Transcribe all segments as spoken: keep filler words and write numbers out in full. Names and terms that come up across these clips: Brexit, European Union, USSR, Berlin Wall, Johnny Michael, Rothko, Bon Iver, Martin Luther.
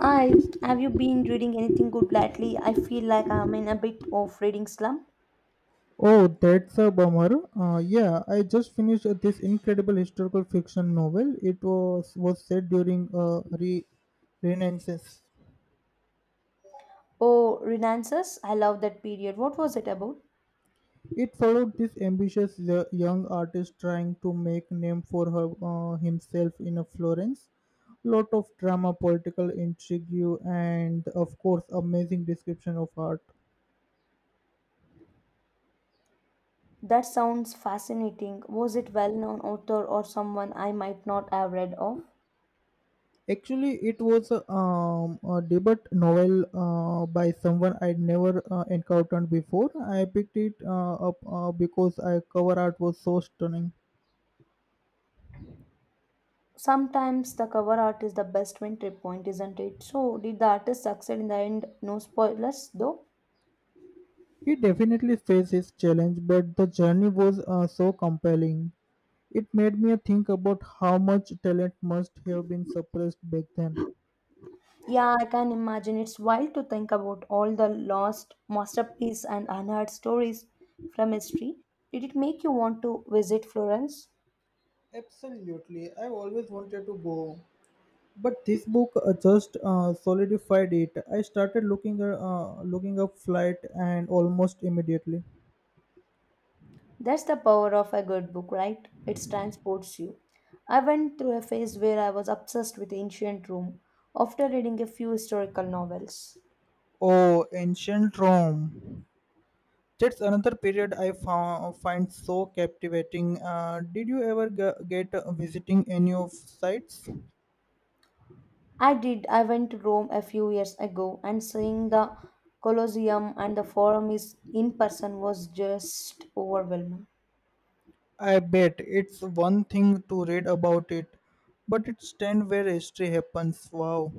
I have you been reading anything good lately? I feel like I'm in a bit of reading slump. Oh, that's a bummer. Uh, yeah, I just finished uh, this incredible historical fiction novel. It was was set during uh, re- Renaissance. Oh, Renaissance! I love that period. What was it about? It followed this ambitious y- young artist trying to make name for her, uh, himself in a Florence. Lot of drama, political intrigue, and of course, amazing description of art. That sounds fascinating. Was it well-known author or someone I might not have read of? Actually, it was a, um, a debut novel uh, by someone I'd never uh, encountered before. I picked it uh, up uh, because I cover art was so stunning. Sometimes the cover art is the best entry point, isn't it? So, did the artist succeed in the end? No spoilers, though. He definitely faced his challenge, but the journey was uh, so compelling. It made me think about how much talent must have been suppressed back then. Yeah, I can imagine. It's wild to think about all the lost masterpieces and unheard stories from history. Did it make you want to visit Florence? Absolutely, I've always wanted to go, but this book uh, just uh, solidified it. I started looking uh, uh, looking up flight and almost immediately. That's the power of a good book, right? It transports you. I went through a phase where I was obsessed with ancient Rome after reading a few historical novels. Oh, ancient Rome, that's another period i found, find so captivating. Uh, did you ever g- get uh, visiting any of sites? I did. I went to Rome a few years ago and seeing the Colosseum and the Forum is in person was just overwhelming. I bet it's one thing to read about it, but it's stand where history happens. Wow.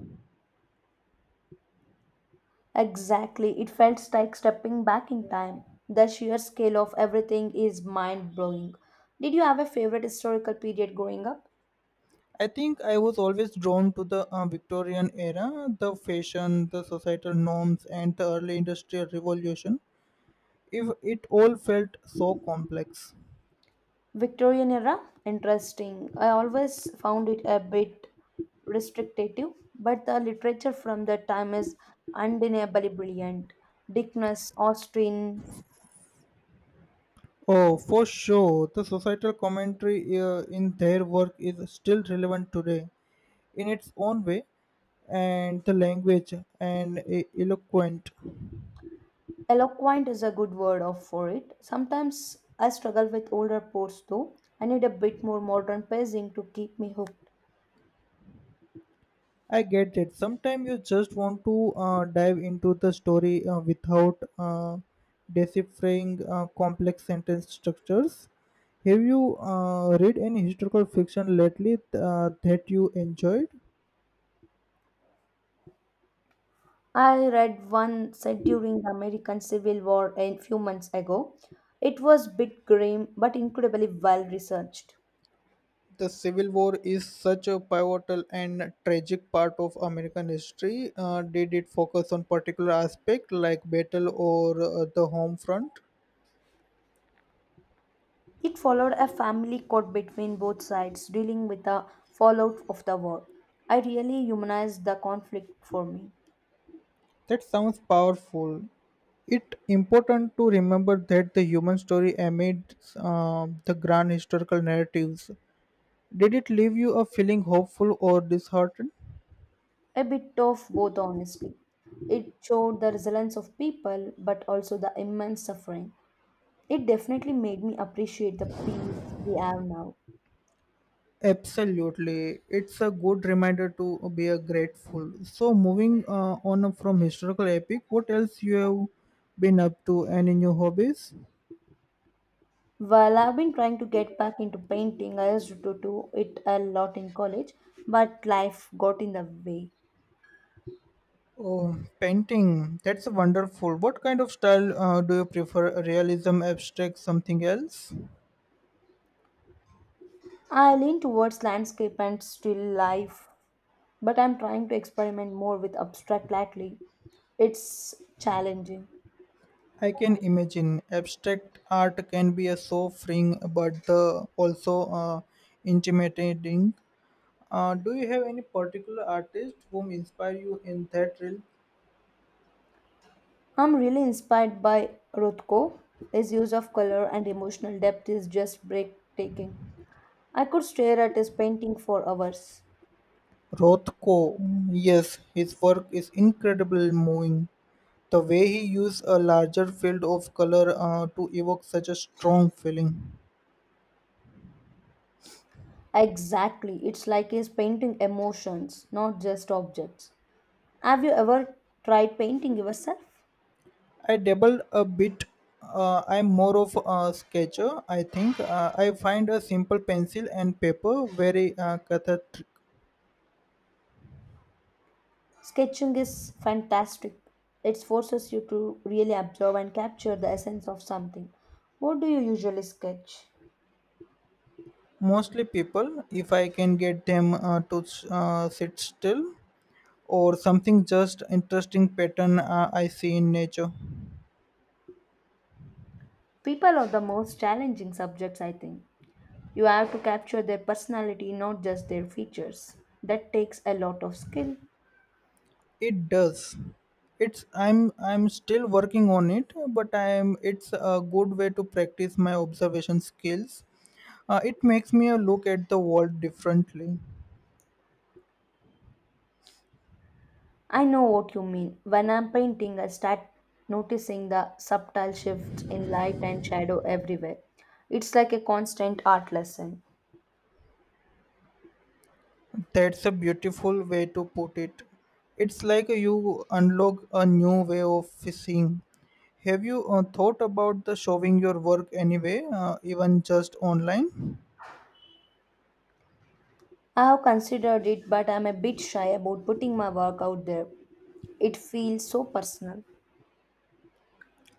Exactly. It felt like stepping back in time. The sheer scale of everything is mind blowing. Did you have a favorite historical period growing up? I think I was always drawn to the uh, Victorian era, the fashion, the societal norms, and the early industrial revolution. If it all felt so complex. Victorian era? Interesting. I always found it a bit restrictive, but the literature from that time is undeniably brilliant. Dickens, Austen, Oh, for sure, the societal commentary uh, in their work is still relevant today, in its own way, and the language and e- eloquent. eloquent is a good word of for it. Sometimes I struggle with older poets though. I need a bit more modern pacing to keep me hooked. I get it. Sometimes you just want to uh, dive into the story uh, without uh, deciphering uh, complex sentence structures. Have you uh, read any historical fiction lately uh, that you enjoyed? I read one set during the American Civil War a few months ago. It was a bit grim but incredibly well researched. The Civil War is such a pivotal and tragic part of American history. Uh, did it focus on particular aspect like battle or uh, the home front? It followed a family court between both sides dealing with the fallout of the war. I really humanized the conflict for me. That sounds powerful. It important to remember that the human story amid uh, the grand historical narratives. Did it leave you a feeling hopeful or disheartened? A bit of both, honestly. It showed the resilience of people but also the immense suffering. It definitely made me appreciate the peace we have now. Absolutely, it's a good reminder to be a grateful. So, moving uh, on from historical epic, what else you have been up to? Any new hobbies? Well, I've been trying to get back into painting. I used to do it a lot in college, but life got in the way. Oh, painting. That's wonderful. What kind of style uh, do you prefer? Realism, abstract, something else? I lean towards landscape and still life, but I'm trying to experiment more with abstract lately. It's challenging. I can imagine abstract art can be a so freeing, but the also uh, intimidating. Uh, do you have any particular artist whom inspire you in that realm? I'm really inspired by Rothko. His use of color and emotional depth is just breathtaking. I could stare at his painting for hours. Rothko, yes, his work is incredible, moving. The way he used a larger field of color uh, to evoke such a strong feeling. Exactly, it's like he's painting emotions, not just objects. Have you ever tried painting yourself? I dabbled a bit. Uh, I'm more of a sketcher, I think. Uh, I find a simple pencil and paper very uh, cathartic. Sketching is fantastic. It forces you to really observe and capture the essence of something. What do you usually sketch? Mostly people, if I can get them uh, to uh, sit still or something just interesting pattern uh, I see in nature. People are the most challenging subjects, I think. You have to capture their personality, not just their features. That takes a lot of skill. It does. It's I'm I'm still working on it, but I'm it's a good way to practice my observation skills. Uh, it makes me uh, look at the world differently. I know what you mean. When I'm painting, I start noticing the subtle shifts in light and shadow everywhere. It's like a constant art lesson. That's a beautiful way to put it. It's like you unlock a new way of seeing. Have you uh, thought about the showing your work anyway, uh, even just online? I've considered it, but I'm a bit shy about putting my work out there. It feels so personal.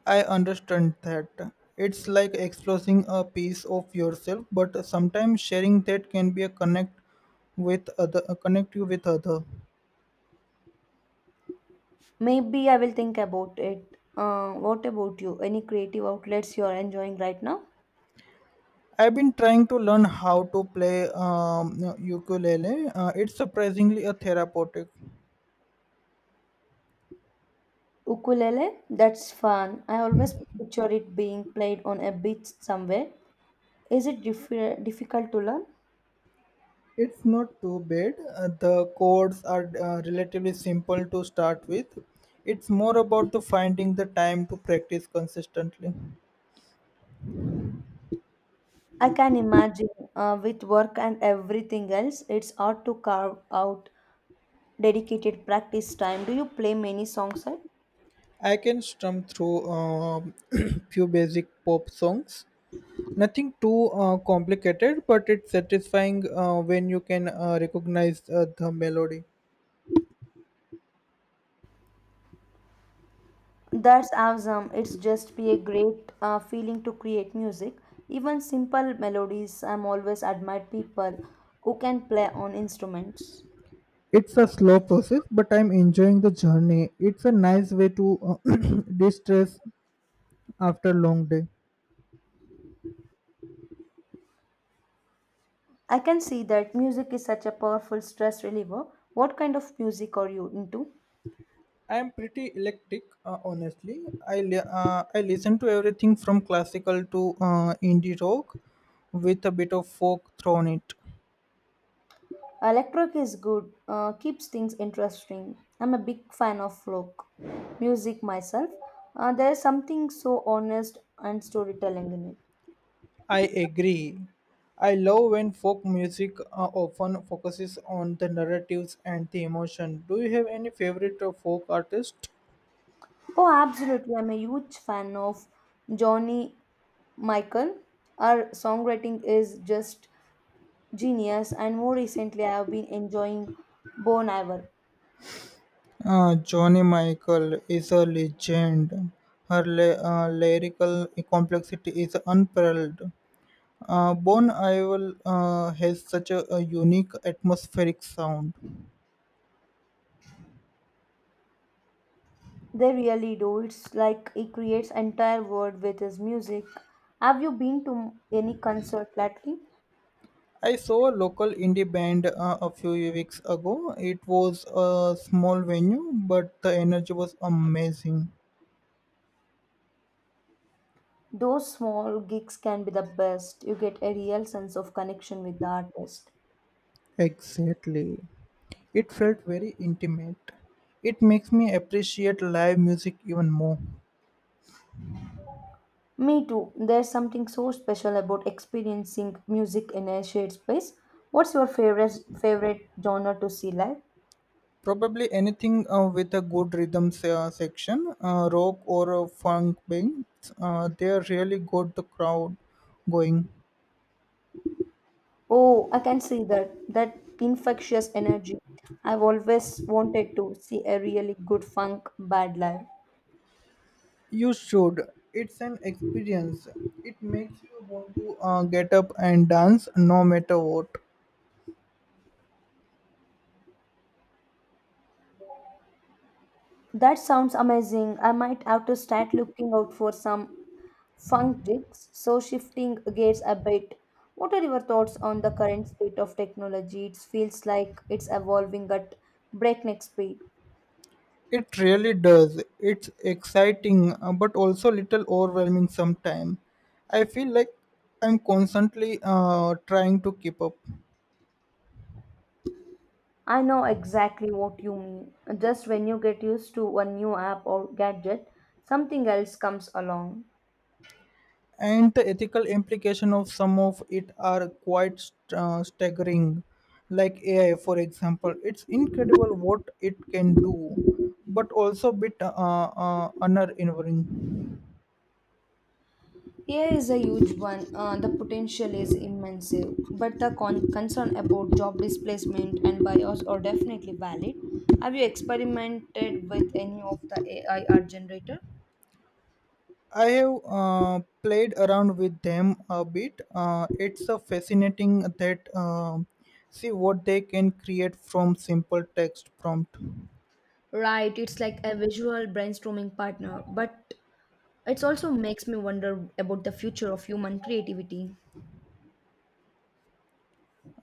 I understand that. It's like exposing a piece of yourself, but sometimes sharing that can be a connect with other uh, connect you with other. Maybe I will think about it. Uh, what about you? Any creative outlets you are enjoying right now? I've been trying to learn how to play um, ukulele. Uh, it's surprisingly a therapeutic. Ukulele? That's fun. I always picture it being played on a beach somewhere. Is it diffi- difficult to learn? It's not too bad. Uh, the codes are uh, relatively simple to start with. It's more about the finding the time to practice consistently. I can imagine uh, with work and everything else, it's hard to carve out dedicated practice time. Do you play many songs at? I can strum through um few basic pop songs. Nothing too uh, complicated, but it's satisfying uh, when you can uh, recognize uh, the melody. That's awesome. It's just be a great uh, feeling to create music. Even simple melodies, I'm always admired people who can play on instruments. It's a slow process, but I'm enjoying the journey. It's a nice way to uh, distress after long day. I can see that music is such a powerful stress reliever. What kind of music are you into? I'm pretty eclectic, uh, honestly. I li- uh, I listen to everything from classical to uh, indie rock, with a bit of folk thrown it. Electric is good, uh, keeps things interesting. I'm a big fan of folk music myself. Uh, there's something so honest and storytelling in it. I agree. I love when folk music uh, often focuses on the narratives and the emotion. Do you have any favorite uh, folk artist? Oh, absolutely. I'm a huge fan of Johnny Michael. Her songwriting is just genius, and more recently, I have been enjoying Bon Iver. Uh, Johnny Michael is a legend. Her la- uh, lyrical complexity is unparalleled. Uh, Bon Iver uh, has such a, a unique atmospheric sound. They really do. It's like he creates entire world with his music. Have you been to any concert lately? I saw a local indie band uh, a few weeks ago. It was a small venue, but the energy was amazing. Those small gigs can be the best. You get a real sense of connection with the artist. Exactly. It felt very intimate. It makes me appreciate live music even more. Me too. There's something so special about experiencing music in a shared space. What's your favorite favorite genre to see live? Probably anything uh, with a good rhythm se- uh, section, uh, rock or a funk band, uh, they really got the crowd going. Oh, I can see that. That infectious energy. I've always wanted to see a really good funk band live. You should. It's an experience. It makes you want to uh, get up and dance no matter what. That sounds amazing. I might have to start looking out for some funk gigs. So shifting gears a bit. What are your thoughts on the current state of technology? It feels like it's evolving at breakneck speed. It really does. It's exciting uh, but also little overwhelming sometimes. I feel like I'm constantly uh, trying to keep up. I know exactly what you mean. Just when you get used to a new app or gadget, something else comes along. And the ethical implication of some of it are quite st- uh, staggering. Like A I, for example, it's incredible what it can do, but also bit uh, uh, honor-envering. Here is a huge one. Uh, the potential is immense, but the con- concern about job displacement and bias are definitely valid. Have you experimented with any of the A I art generator? I have uh, played around with them a bit. Uh, it's a fascinating that um see what they can create from simple text prompt. Right, it's like a visual brainstorming partner, but it also makes me wonder about the future of human creativity.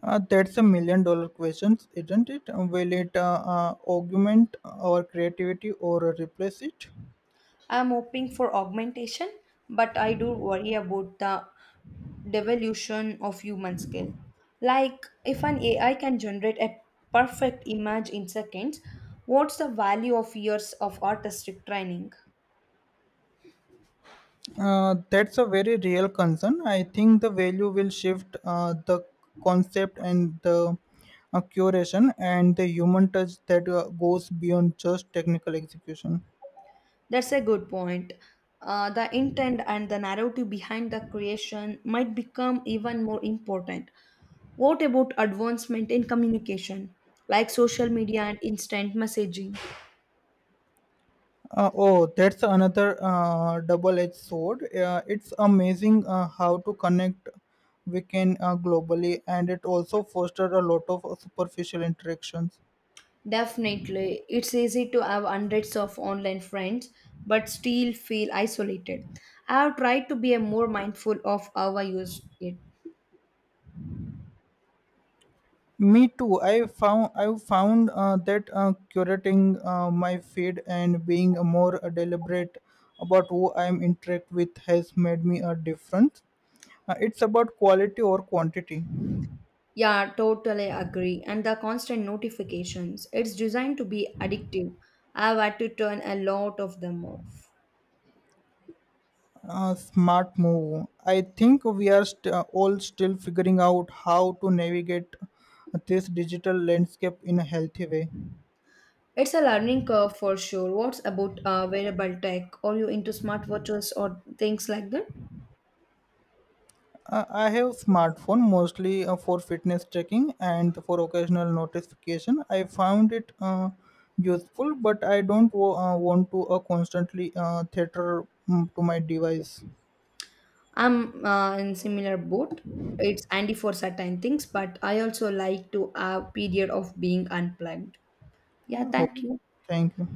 Uh, that's a million dollar questions, isn't it? Will it uh, uh, augment our creativity or replace it? I'm hoping for augmentation, but I do worry about the devolution of human skill. Like, if an A I can generate a perfect image in seconds, what's the value of years of artistic training? Uh, that's a very real concern. I think the value will shift uh, the concept and the uh, curation and the human touch that uh, goes beyond just technical execution. That's a good point. Uh, the intent and the narrative behind the creation might become even more important. What about advancement in communication, like social media and instant messaging? Uh, oh, that's another uh, double-edged sword. Uh, it's amazing uh, how to connect we can uh, globally, and it also fostered a lot of uh, superficial interactions. Definitely. It's easy to have hundreds of online friends, but still feel isolated. I have tried to be a more mindful of how I use it. Me too. I found I found uh, that uh, curating uh, my feed and being more deliberate about who I'm interact with has made me a difference. Uh, it's about quality or quantity. Yeah, totally agree. And the constant notifications, it's designed to be addictive. I've had to turn a lot of them off. Uh, smart move. I think we are st- uh, all still figuring out how to navigate this digital landscape in a healthy way. It's a learning curve for sure. What's about uh, wearable tech? Are you into smartwatches or things like that? Uh, I have smartphone mostly uh, for fitness tracking and for occasional notification. I found it uh, useful, but I don't wa- uh, want to uh, constantly uh, theater mm, to my device. I'm uh, in similar boat. It's handy for certain things, but I also like to have period of being unplugged. Yeah, Oh, thank you. thank you.